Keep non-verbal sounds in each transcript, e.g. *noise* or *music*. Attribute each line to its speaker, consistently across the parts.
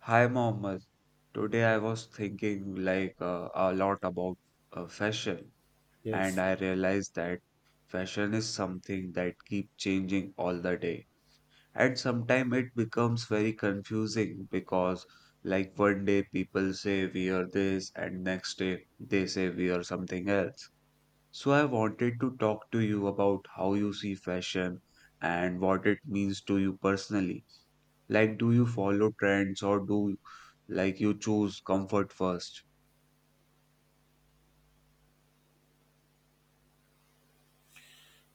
Speaker 1: Hi, Mohammed. Today I was thinking a lot about fashion, and
Speaker 2: Yes.
Speaker 1: I realized that fashion is something that keep changing all the day. And sometimes it becomes very confusing because like one day people say we are this, and next day they say we are something else. So I wanted to talk to you about how you see fashion and what it means to you personally. Like, do you follow trends or do like you choose comfort first?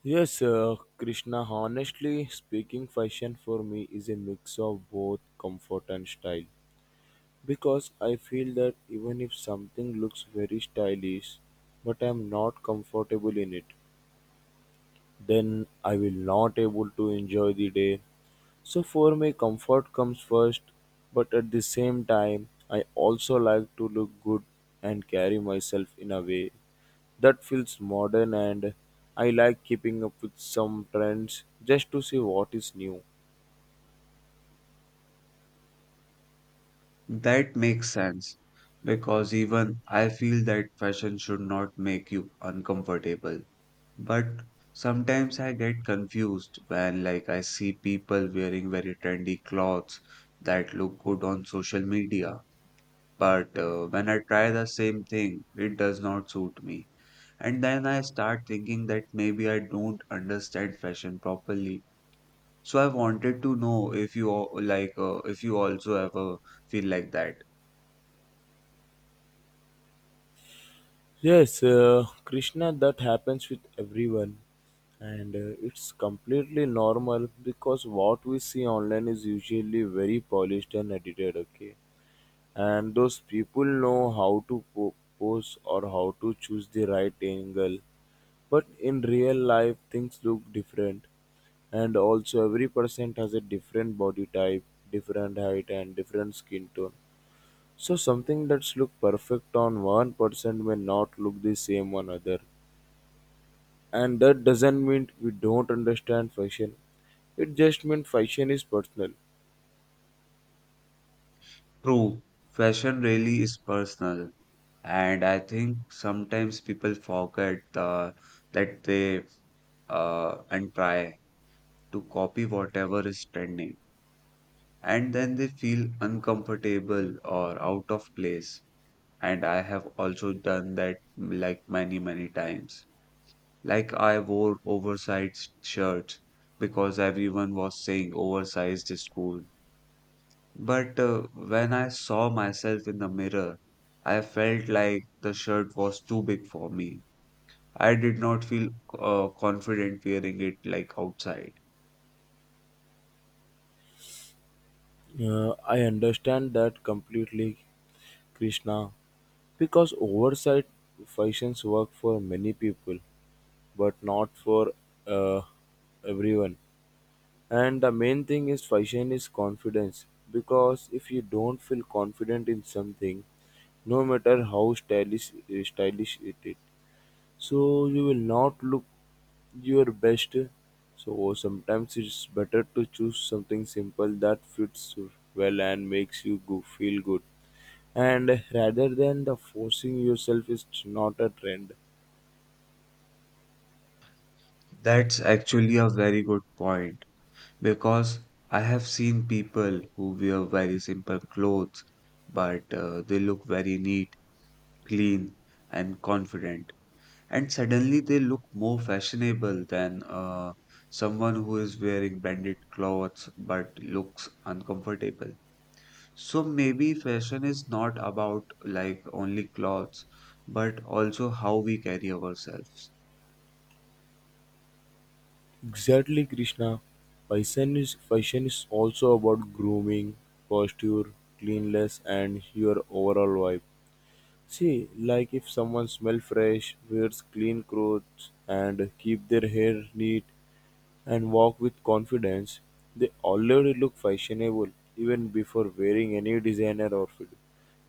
Speaker 2: Yes, Krishna, honestly speaking, fashion for me is a mix of both comfort and style. Because I feel that even if something looks very stylish, but I'm not comfortable in it, then I will not able to enjoy the day. So for me, comfort comes first, but at the same time, I also like to look good and carry myself in a way that feels modern, and I like keeping up with some trends just to see what is new.
Speaker 1: That makes sense because even I feel that fashion should not make you uncomfortable. But sometimes I get confused when like I see people wearing very trendy clothes that look good on social media. But when I try the same thing, it does not suit me. And then I start thinking that maybe I don't understand fashion properly. So I wanted to know if you also ever feel like that.
Speaker 2: Yes, Krishna, that happens with everyone. And it's completely normal because what we see online is usually very polished and edited, okay? And those people know how to pose or how to choose the right angle. But in real life, things look different. And also every person has a different body type, different height and different skin tone. So something that's look perfect on one person may not look the same on other, and that doesn't mean we don't understand fashion, it just means fashion is personal.
Speaker 1: True, fashion really is personal, and I think sometimes people forget uh, that they and try to copy whatever is trending, and then they feel uncomfortable or out of place. And I have also done that like many, many times. Like I wore oversized shirts because everyone was saying oversized is cool. But when I saw myself in the mirror, I felt like the shirt was too big for me. I did not feel confident wearing it like outside.
Speaker 2: I understand that completely, Krishna, because oversight fashions work for many people but not for uh, everyone. And the main thing is fashion is confidence, because if you don't feel confident in something, no matter how stylish it is, so you will not look your best. So sometimes it's better to choose something simple that fits well and makes you go, feel good. And rather than the forcing yourself is not a trend.
Speaker 1: That's actually a very good point because I have seen people who wear very simple clothes, but they look very neat, clean, and confident. And suddenly they look more fashionable than someone who is wearing branded clothes but looks uncomfortable. So maybe fashion is not about like only clothes, but also how we carry ourselves.
Speaker 2: Exactly, Krishna. Fashion is also about grooming, posture, cleanliness, and your overall vibe. See, like if someone smells fresh, wears clean clothes, and keep their hair neat and walk with confidence, they already look fashionable even before wearing any designer outfit,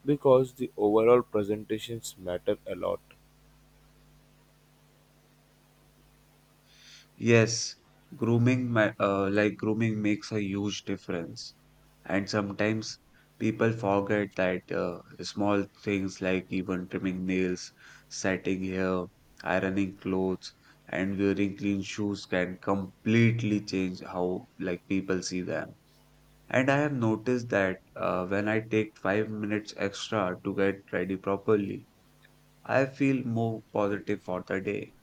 Speaker 2: because the overall presentations matter a lot.
Speaker 1: Yes, like grooming makes a huge difference. And sometimes people forget that small things like even trimming nails, setting hair, ironing clothes, and wearing clean shoes can completely change how like people see them. And I have noticed that when I take 5 minutes extra to get ready properly, I feel more positive for the day.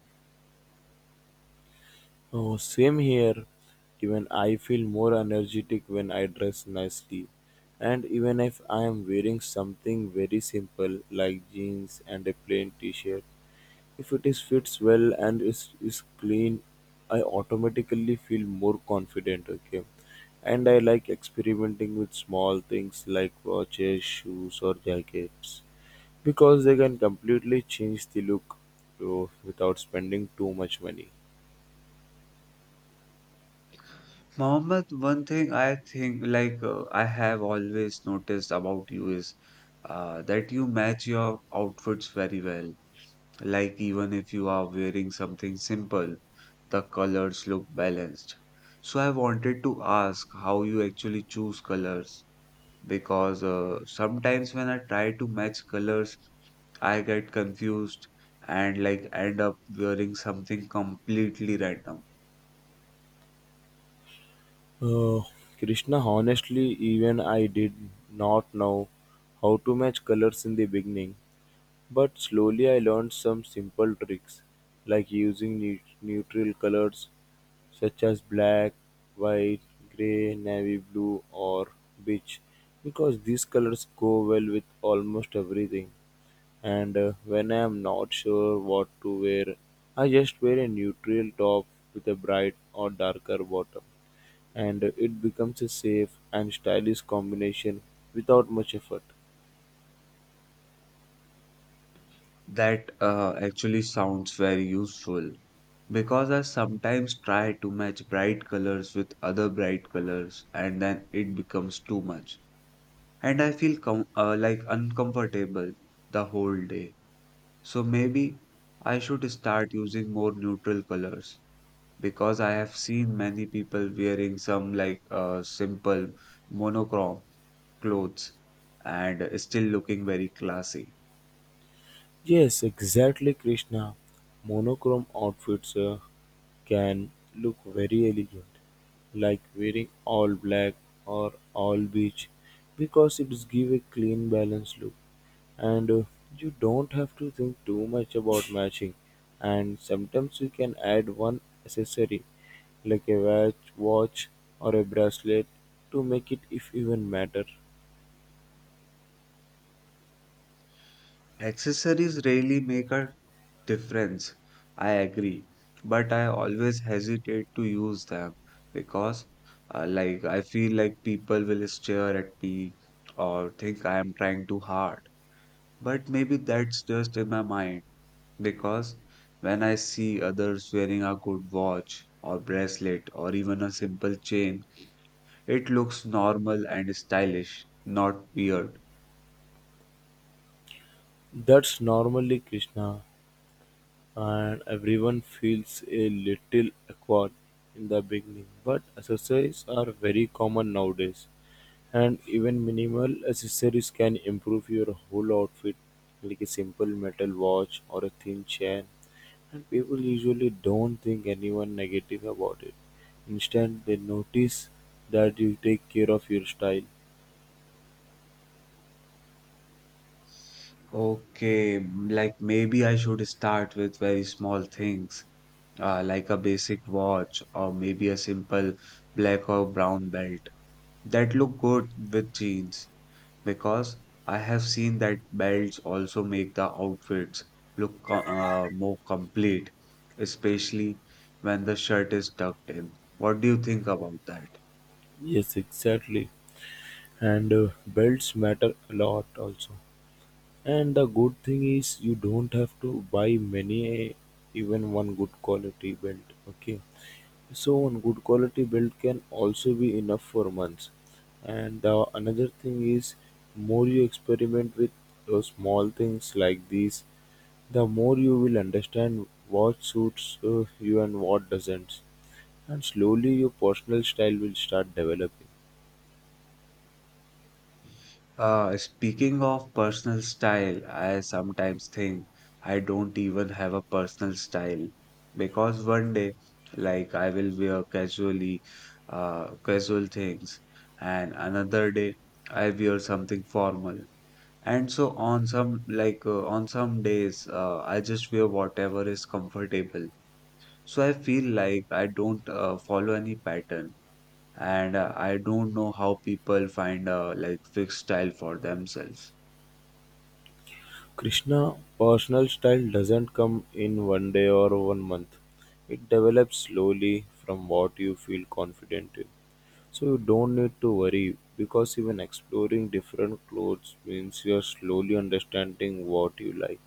Speaker 2: Oh, same here. Even I feel more energetic when I dress nicely. And even if I am wearing something very simple like jeans and a plain t-shirt, if it is fits well and is clean, I automatically feel more confident, okay? And I like experimenting with small things like watches, shoes or jackets because they can completely change the look, oh, without spending too much money.
Speaker 1: Mohammed, one thing I think, I have always noticed about you is that you match your outfits very well. Like even if you are wearing something simple, the colors look balanced. So I wanted to ask how you actually choose colors because sometimes when I try to match colors, I get confused and like end up wearing something completely random.
Speaker 2: Oh, Krishna, honestly, even I did not know how to match colors in the beginning, but slowly I learned some simple tricks like using neutral colors such as black, white, gray, navy blue, or beige, because these colors go well with almost everything. And when I am not sure what to wear, I just wear a neutral top with a bright or darker bottom and it becomes a safe and stylish combination without much effort.
Speaker 1: That actually sounds very useful because I sometimes try to match bright colors with other bright colors and then it becomes too much. And I feel com like uncomfortable the whole day. So maybe I should start using more neutral colors because I have seen many people wearing some simple monochrome clothes and still looking very classy.
Speaker 2: Yes, exactly, Krishna. Monochrome outfits can look very elegant, like wearing all black or all beige, because it gives a clean, balanced look, and you don't have to think too much about matching. And sometimes you can add one accessory, like a watch, or a bracelet, to make it, if even matter.
Speaker 1: Accessories really make a difference. I agree, but I always hesitate to use them because, like, I feel like people will stare at me or think I am trying too hard. But maybe that's just in my mind because when I see others wearing a good watch or bracelet or even a simple chain, it looks normal and stylish, not weird.
Speaker 2: That's normally Krishna, and everyone feels a little awkward in the beginning. But accessories are very common nowadays, and even minimal accessories can improve your whole outfit, like a simple metal watch or a thin chain. And people usually don't think anyone negative about it. Instead, they notice that you take care of your style.
Speaker 1: Okay, like maybe I should start with very small things like a basic watch or maybe a simple black or brown belt that look good with jeans because I have seen that belts also make the outfits look more complete, especially when the shirt is tucked in. What do you think about that?
Speaker 2: Yes, exactly. And belts matter a lot also. And the good thing is you don't have to buy many, even one good quality belt. Okay, so one good quality belt can also be enough for months. And another thing is, more you experiment with those small things like these, the more you will understand what suits you and what doesn't. And slowly your personal style will start developing.
Speaker 1: Speaking of personal style, I sometimes think I don't even have a personal style because one day, like, I will wear casually, casual things, and another day, I wear something formal. And so on some on some days, I just wear whatever is comfortable. So I feel like I don't follow any pattern, and I don't know how people find a like fixed style for themselves.
Speaker 2: Krishna, personal style doesn't come in one day or one month. It develops slowly from what you feel confident in. So you don't need to worry because even exploring different clothes means you're slowly understanding what you like.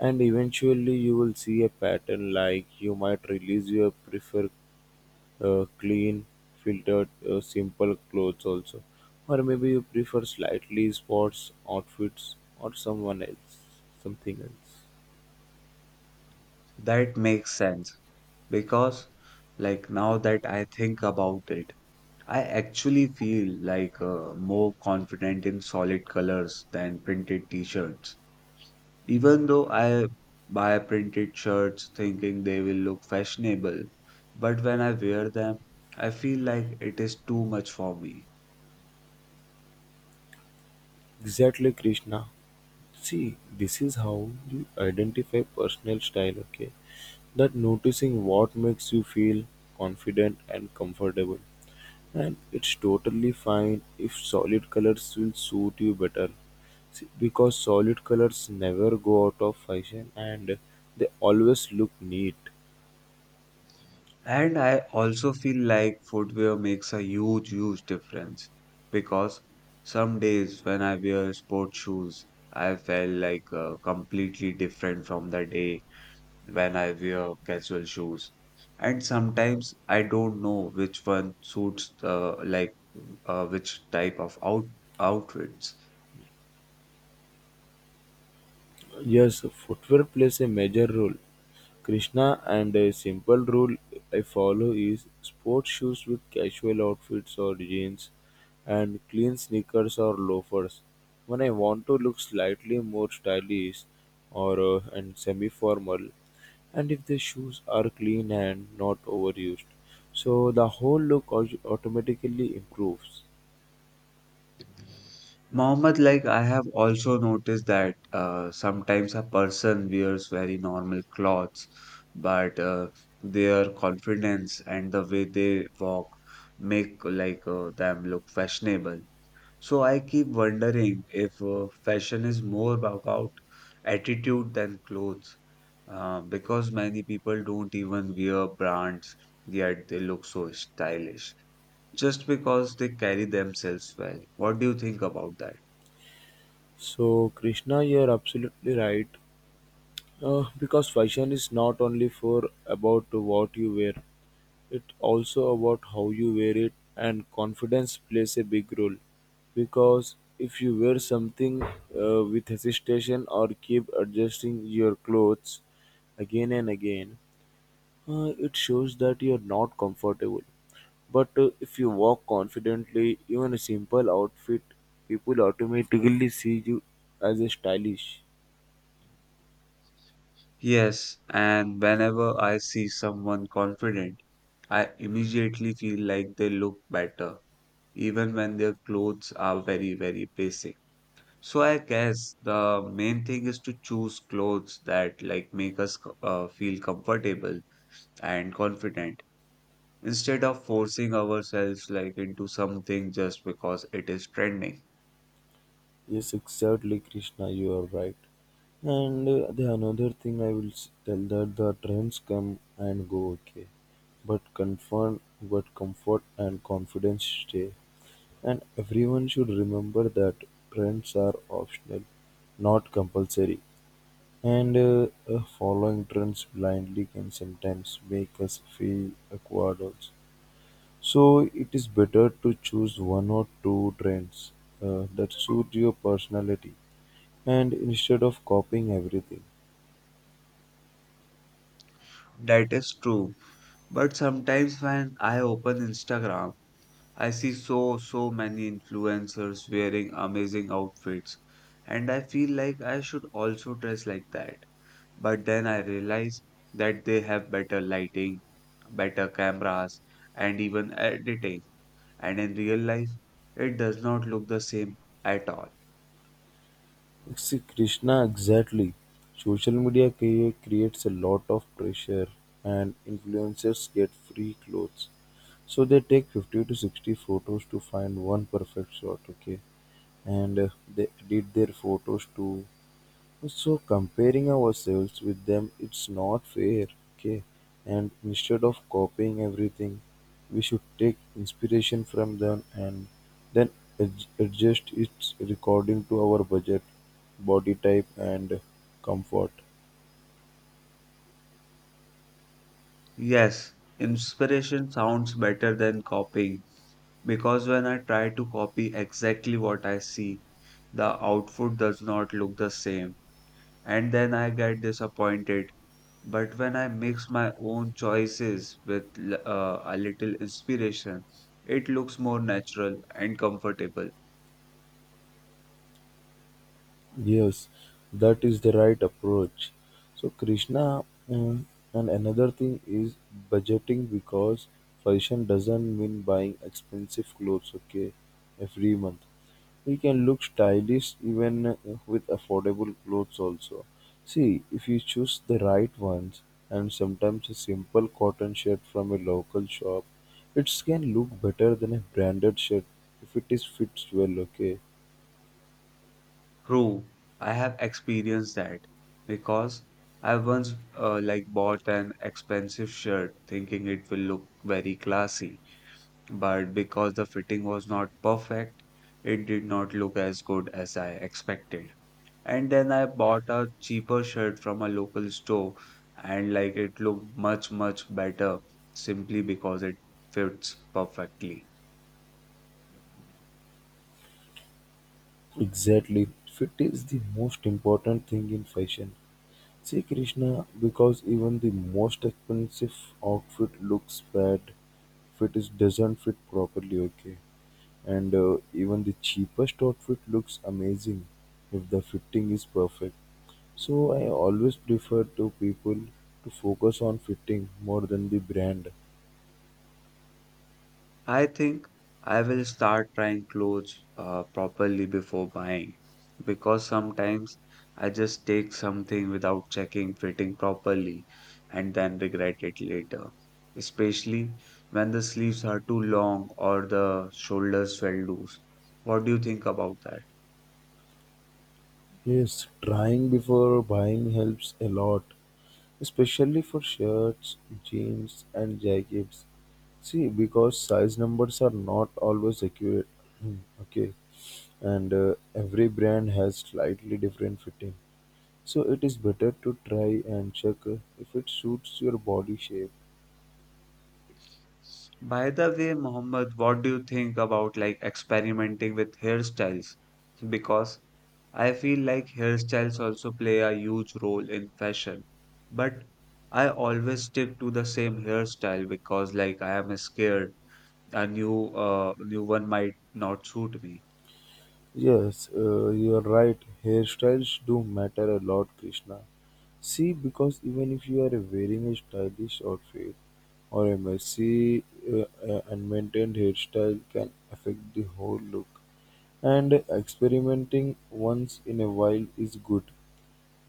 Speaker 2: And eventually you will see a pattern like you might release your preferred clean, filtered, simple clothes also. Or maybe you prefer slightly sports outfits or someone else, something else.
Speaker 1: That makes sense because, like, now that I think about it, I actually feel like more confident in solid colors than printed t-shirts. Even though I buy printed shirts thinking they will look fashionable, but when I wear them, I feel like it is too much for me.
Speaker 2: Exactly, Krishna. See, this is how you identify personal style, okay? That noticing what makes you feel confident and comfortable. And it's totally fine if solid colors will suit you better. See, because solid colors never go out of fashion and they always look neat.
Speaker 1: And I also feel like footwear makes a huge, huge difference because some days when I wear sport shoes, I felt like completely different from the day when I wear casual shoes. And sometimes I don't know which one suits which type of outfits.
Speaker 2: Yes, footwear plays a major role, Krishna. And a simple rule I follow is sports shoes with casual outfits or jeans and clean sneakers or loafers. When I want to look slightly more stylish or and semi-formal and if the shoes are clean and not overused. So the whole look automatically improves.
Speaker 1: Mohammed, like I have also noticed that sometimes a person wears very normal clothes, but their confidence and the way they walk make them look fashionable. So I keep wondering if fashion is more about attitude than clothes, because many people don't even wear brands, yet they look so stylish just because they carry themselves well. What do you think about that?
Speaker 2: So Krishna, you're absolutely right. Because fashion is not only for about what you wear, it also about how you wear it, and confidence plays a big role. Because if you wear something with hesitation or keep adjusting your clothes again and again, it shows that you're not comfortable. But if you walk confidently, even a simple outfit, people automatically see you as a stylish.
Speaker 1: Yes, and whenever I see someone confident, I immediately feel like they look better, even when their clothes are very, very basic. So I guess the main thing is to choose clothes that like make us feel comfortable and confident instead of forcing ourselves like into something just because it is trending.
Speaker 2: Yes, exactly, Krishna, you are right. And the another thing I will tell that the trends come and go, okay, but comfort and confidence stay. And everyone should remember that trends are optional, not compulsory. And following trends blindly can sometimes make us feel awkward also. So it is better to choose one or two trends that suit your personality and instead of copying everything,
Speaker 1: That is true. But sometimes when I open Instagram, I see so, so many influencers wearing amazing outfits, and I feel like I should also dress like that. But then I realize that they have better lighting, better cameras, and even editing. And in real life, it does not look the same at all.
Speaker 2: see Krishna exactly. Social media creates a lot of pressure, and influencers get free clothes. So they take 50 to 60 photos to find one perfect shot, okay? And they edit their photos to so comparing ourselves with them it's not fair, okay? And instead of copying everything, we should take inspiration from them and then adjust its according to our budget, body type and comfort.
Speaker 1: Yes, inspiration sounds better than copying because when I try to copy exactly what I see, the output does not look the same and then I get disappointed. But when I mix my own choices with a little inspiration, it looks more natural and comfortable.
Speaker 2: Yes, that is the right approach. So Krishna, and another thing is budgeting because fashion doesn't mean buying expensive clothes, okay, every month. We can look stylish even with affordable clothes also. See, if you choose the right ones and sometimes a simple cotton shirt from a local shop, it can look better than a branded shirt if it is fits well, okay?
Speaker 1: True, I have experienced that because I once like bought an expensive shirt thinking it will look very classy, but because the fitting was not perfect, it did not look as good as I expected. And then I bought a cheaper shirt from a local store and like it looked much, much better simply because it fits perfectly.
Speaker 2: Exactly. Fit is the most important thing in fashion. See Krishna, because even the most expensive outfit looks bad if it is doesn't fit properly, okay? And even the cheapest outfit looks amazing if the fitting is perfect. So I always prefer to people to focus on fitting more than the brand.
Speaker 1: I think I will start trying clothes properly before buying because sometimes I just take something without checking fitting properly and then regret it later. Especially when the sleeves are too long or the shoulders fell loose. What do you think about that?
Speaker 2: Yes, trying before buying helps a lot, especially for shirts, jeans and jackets. See, because size numbers are not always accurate. *clears throat* Okay, and every brand has slightly different fitting. So it is better to try and check if it suits your body shape.
Speaker 1: By the way, Mohammed, what do you think about like experimenting with hairstyles? Because I feel like hairstyles also play a huge role in fashion. But I always stick to the same hairstyle because like I am scared a new one might not suit me.
Speaker 2: Yes, you're right. Hairstyles do matter a lot, Krishna. See, because even if you are wearing a stylish outfit or a messy unmaintained hairstyle can affect the whole look. And experimenting once in a while is good,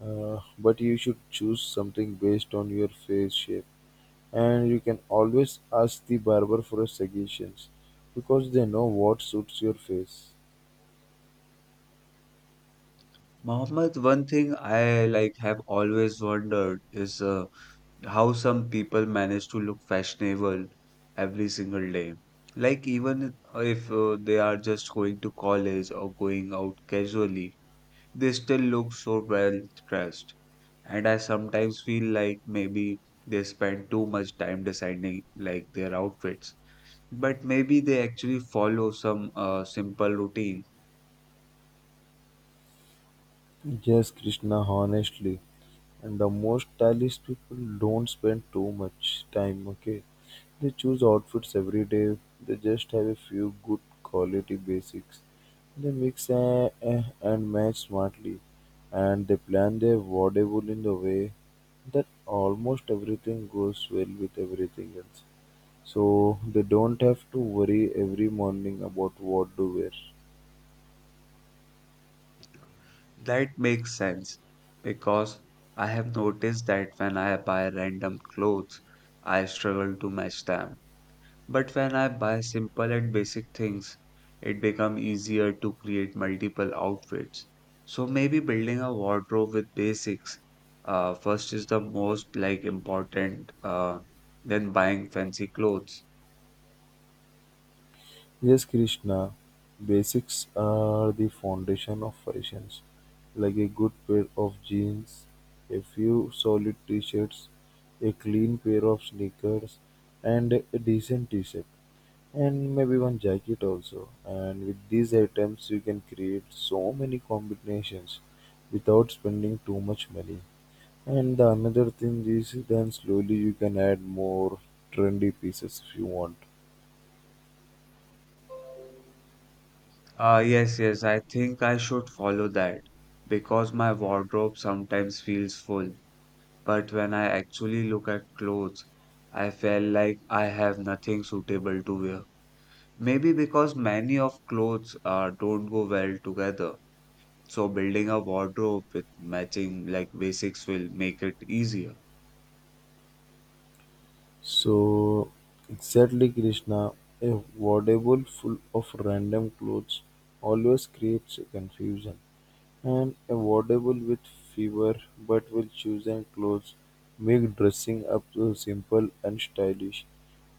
Speaker 2: but you should choose something based on your face shape. And you can always ask the barber for a suggestion because they know what suits your face.
Speaker 1: Mohammed, one thing I have always wondered is how some people manage to look fashionable every single day. Like, even if they are just going to college or going out casually, they still look so well dressed. And I sometimes feel like maybe they spend too much time deciding like their outfits, but maybe they actually follow some simple routine.
Speaker 2: Yes, Krishna, honestly. And the most stylish people don't spend too much time, okay? They choose outfits every day, they just have a few good quality basics. They mix and match smartly, and they plan their wardrobe in the way that almost everything goes well with everything else. So they don't have to worry every morning about what to wear.
Speaker 1: That makes sense because I have noticed that when I buy random clothes, I struggle to match them. But when I buy simple and basic things, it becomes easier to create multiple outfits. So maybe building a wardrobe with basics first is the most like important than buying fancy clothes.
Speaker 2: Yes, Krishna, basics are the foundation of fashions, like a good pair of jeans, a few solid t shirts, a clean pair of sneakers, and a decent t shirt, and maybe one jacket also. And with these items, you can create so many combinations without spending too much money. And the another thing is then slowly you can add more trendy pieces if you want.
Speaker 1: Yes, yes, I think I should follow that because my wardrobe sometimes feels full. But when I actually look at clothes, I felt like I have nothing suitable to wear. Maybe because many of clothes don't go well together. So building a wardrobe with matching like basics will make it easier.
Speaker 2: So exactly Krishna, a wardrobe full of random clothes always creates confusion. And a wardrobe with fewer but well chosen clothes make dressing up so simple and stylish.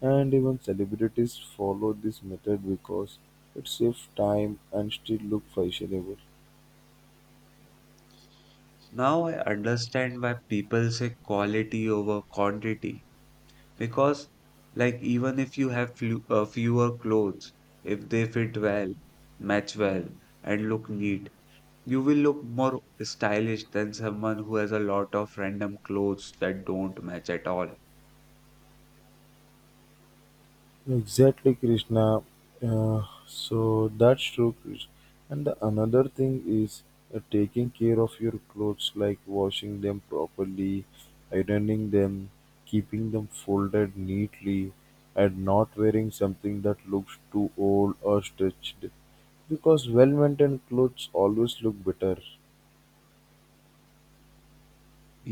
Speaker 2: And even celebrities follow this method because it saves time and still look fashionable.
Speaker 1: Now I understand why people say quality over quantity because like even if you have fewer clothes, if they fit well, match well, and look neat, you will look more stylish than someone who has a lot of random clothes that don't match at all.
Speaker 2: Exactly, Krishna. So that's true, Krishna. And the another thing is taking care of your clothes, like washing them properly, ironing them, keeping them folded neatly, and not wearing something that looks too old or stretched. Because well maintained clothes always look better.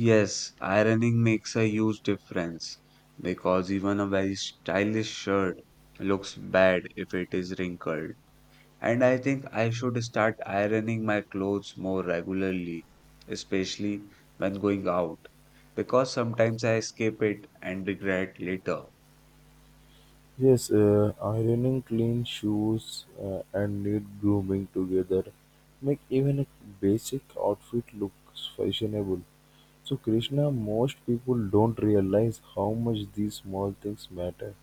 Speaker 1: Yes, ironing makes a huge difference because even a very stylish shirt looks bad if it is wrinkled. And I think I should start ironing my clothes more regularly, especially when going out, because sometimes I skip it and regret later.
Speaker 2: Yes, ironing clean shoes and neat grooming together make even a basic outfit looks fashionable. So Krishna, most people don't realize how much these small things matter,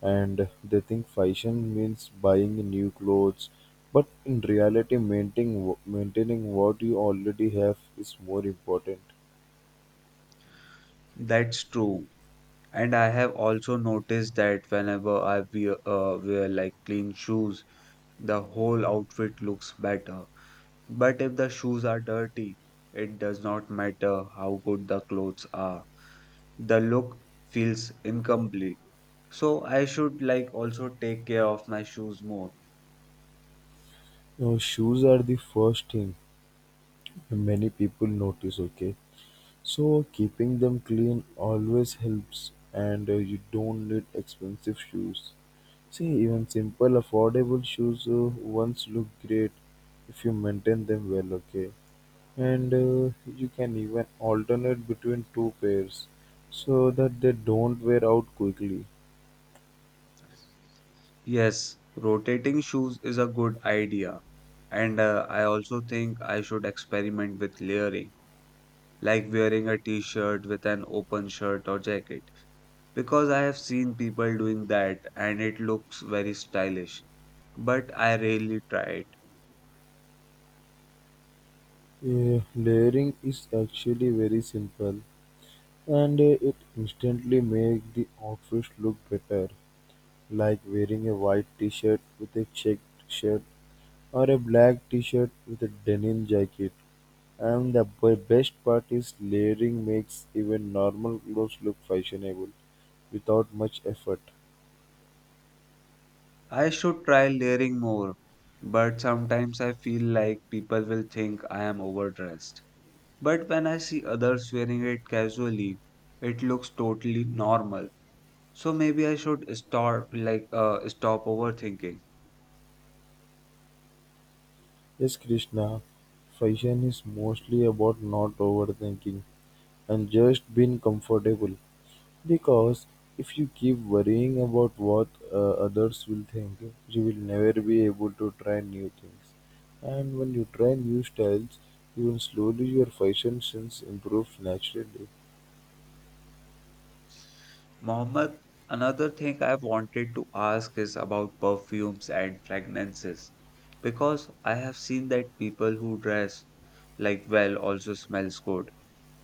Speaker 2: and they think fashion means buying new clothes, but in reality, maintaining what you already have is more important.
Speaker 1: That's true. And I have also noticed that whenever I wear like clean shoes, the whole outfit looks better. But if the shoes are dirty, it does not matter how good the clothes are. The look feels incomplete. So I should like also take care of my shoes more.
Speaker 2: Now, shoes are the first thing many people notice. Okay, so keeping them clean always helps, and you don't need expensive shoes. See, even simple, affordable shoes once look great if you maintain them well, okay? And you can even alternate between two pairs so that they don't wear out quickly.
Speaker 1: Yes, rotating shoes is a good idea. And I also think I should experiment with layering like wearing a t shirt with an open shirt or jacket. Because I have seen people doing that and it looks very stylish, but I rarely try it.
Speaker 2: Yeah, layering is actually very simple and it instantly makes the outfit look better, like wearing a white t shirt with a checked shirt or a black t-shirt with a denim jacket. And the best part is layering makes even normal clothes look fashionable without much effort.
Speaker 1: I should try layering more, but sometimes I feel like people will think I am overdressed. But when I see others wearing it casually, it looks totally normal. So maybe I should start stop overthinking.
Speaker 2: Yes, Krishna, fashion is mostly about not overthinking and just being comfortable. Because if you keep worrying about what others will think, you will never be able to try new things. And when you try new styles, even slowly your fashion sense improves naturally.
Speaker 1: Mohammed, another thing I've wanted to ask is about perfumes and fragrances because I have seen that people who dress like well also smells good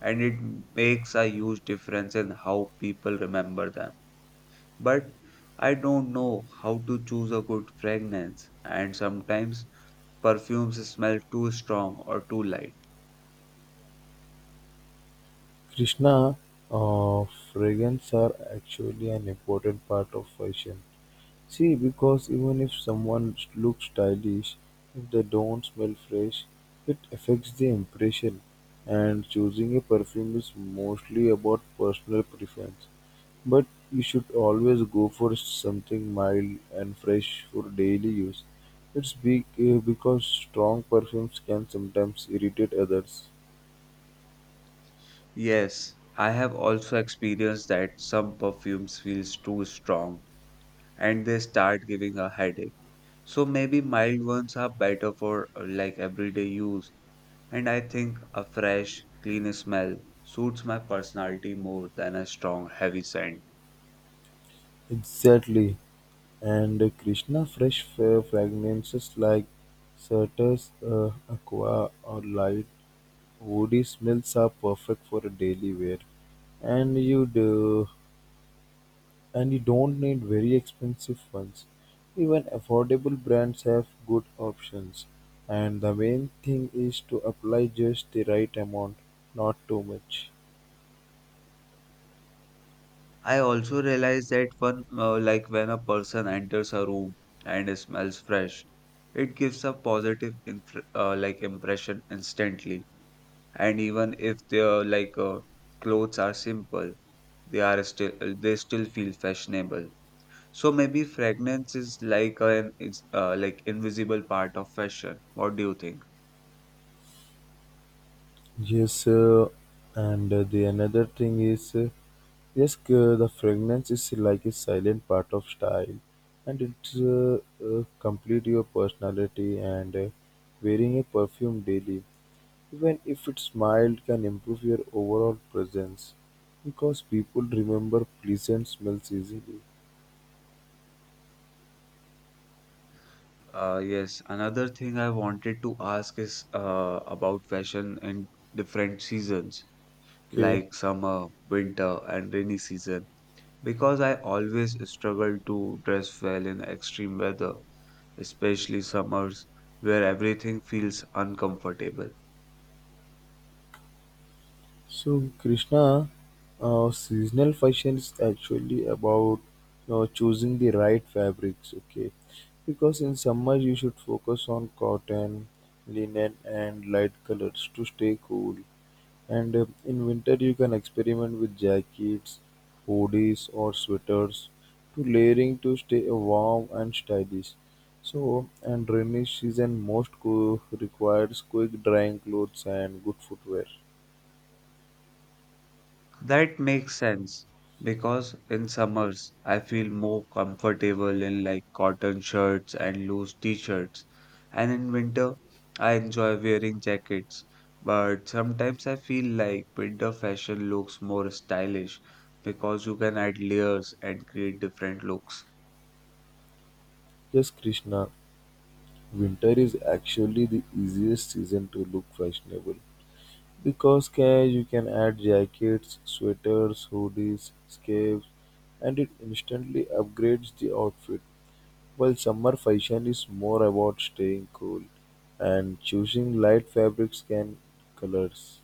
Speaker 1: and it makes a huge difference in how people remember them. But I don't know how to choose a good fragrance and sometimes perfumes smell too strong or too light.
Speaker 2: Krishna, fragrances are actually an important part of fashion. See, because even if someone looks stylish, if they don't smell fresh, it affects the impression. And choosing a perfume is mostly about personal preference. But you should always go for something mild and fresh for daily use. It's big, because strong perfumes can sometimes irritate others.
Speaker 1: Yes, I have also experienced that some perfumes feels too strong and they start giving a headache. So maybe mild ones are better for like everyday use. And I think a fresh, clean smell suits my personality more than a strong, heavy scent.
Speaker 2: Exactly. And Krishna fresh fragrances like Certus, Aqua, or Light woody smells are perfect for a daily wear. And you do, and you don't need very expensive ones. Even affordable brands have good options. And the main thing is to apply just the right amount, not too much.
Speaker 1: I also realize that when, like when a person enters a room and it smells fresh, it gives a positive infr like impression instantly. And even if their clothes are simple, they are still they still feel fashionable. So maybe fragrance is like an is like invisible part of fashion. What do you think?
Speaker 2: Yes, and the another thing is. Yes, the fragrance is like a silent part of style, and it complete your personality. And wearing a perfume daily, even if it's mild, can improve your overall presence because people remember pleasant smells easily.
Speaker 1: Yes, another thing I wanted to ask is about fashion in different seasons,
Speaker 2: Okay.
Speaker 1: like summer, winter, and rainy season, because I always struggle to dress well in extreme weather, especially summers, where everything feels uncomfortable.
Speaker 2: So, Krishna, seasonal fashion is actually about you know, choosing the right fabrics, okay? Because in summer you should focus on cotton, linen, and light colors to stay cool. And in winter you can experiment with jackets, hoodies, or sweaters to layering to stay warm and stylish. So, and rainy season most requires quick drying clothes and good footwear.
Speaker 1: That makes sense because in summers I feel more comfortable in like cotton shirts and loose t-shirts, and in winter I enjoy wearing jackets. But sometimes I feel like winter fashion looks more stylish because you can add layers and create different looks.
Speaker 2: Yes, Krishna. Winter is actually the easiest season to look fashionable because you can add jackets, sweaters, hoodies, scarves, and it instantly upgrades the outfit. While summer fashion is more about staying cool and choosing light fabrics and colors.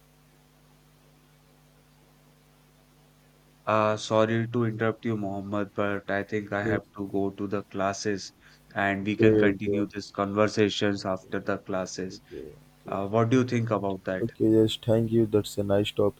Speaker 1: Sorry to interrupt you, Mohammed, but I think I have
Speaker 2: Okay,
Speaker 1: to go to the classes and we can continue
Speaker 2: okay,
Speaker 1: these conversations after the classes.
Speaker 2: okay, okay.
Speaker 1: What do you think about that?
Speaker 2: Okay, yes, thank you. That's a nice topic.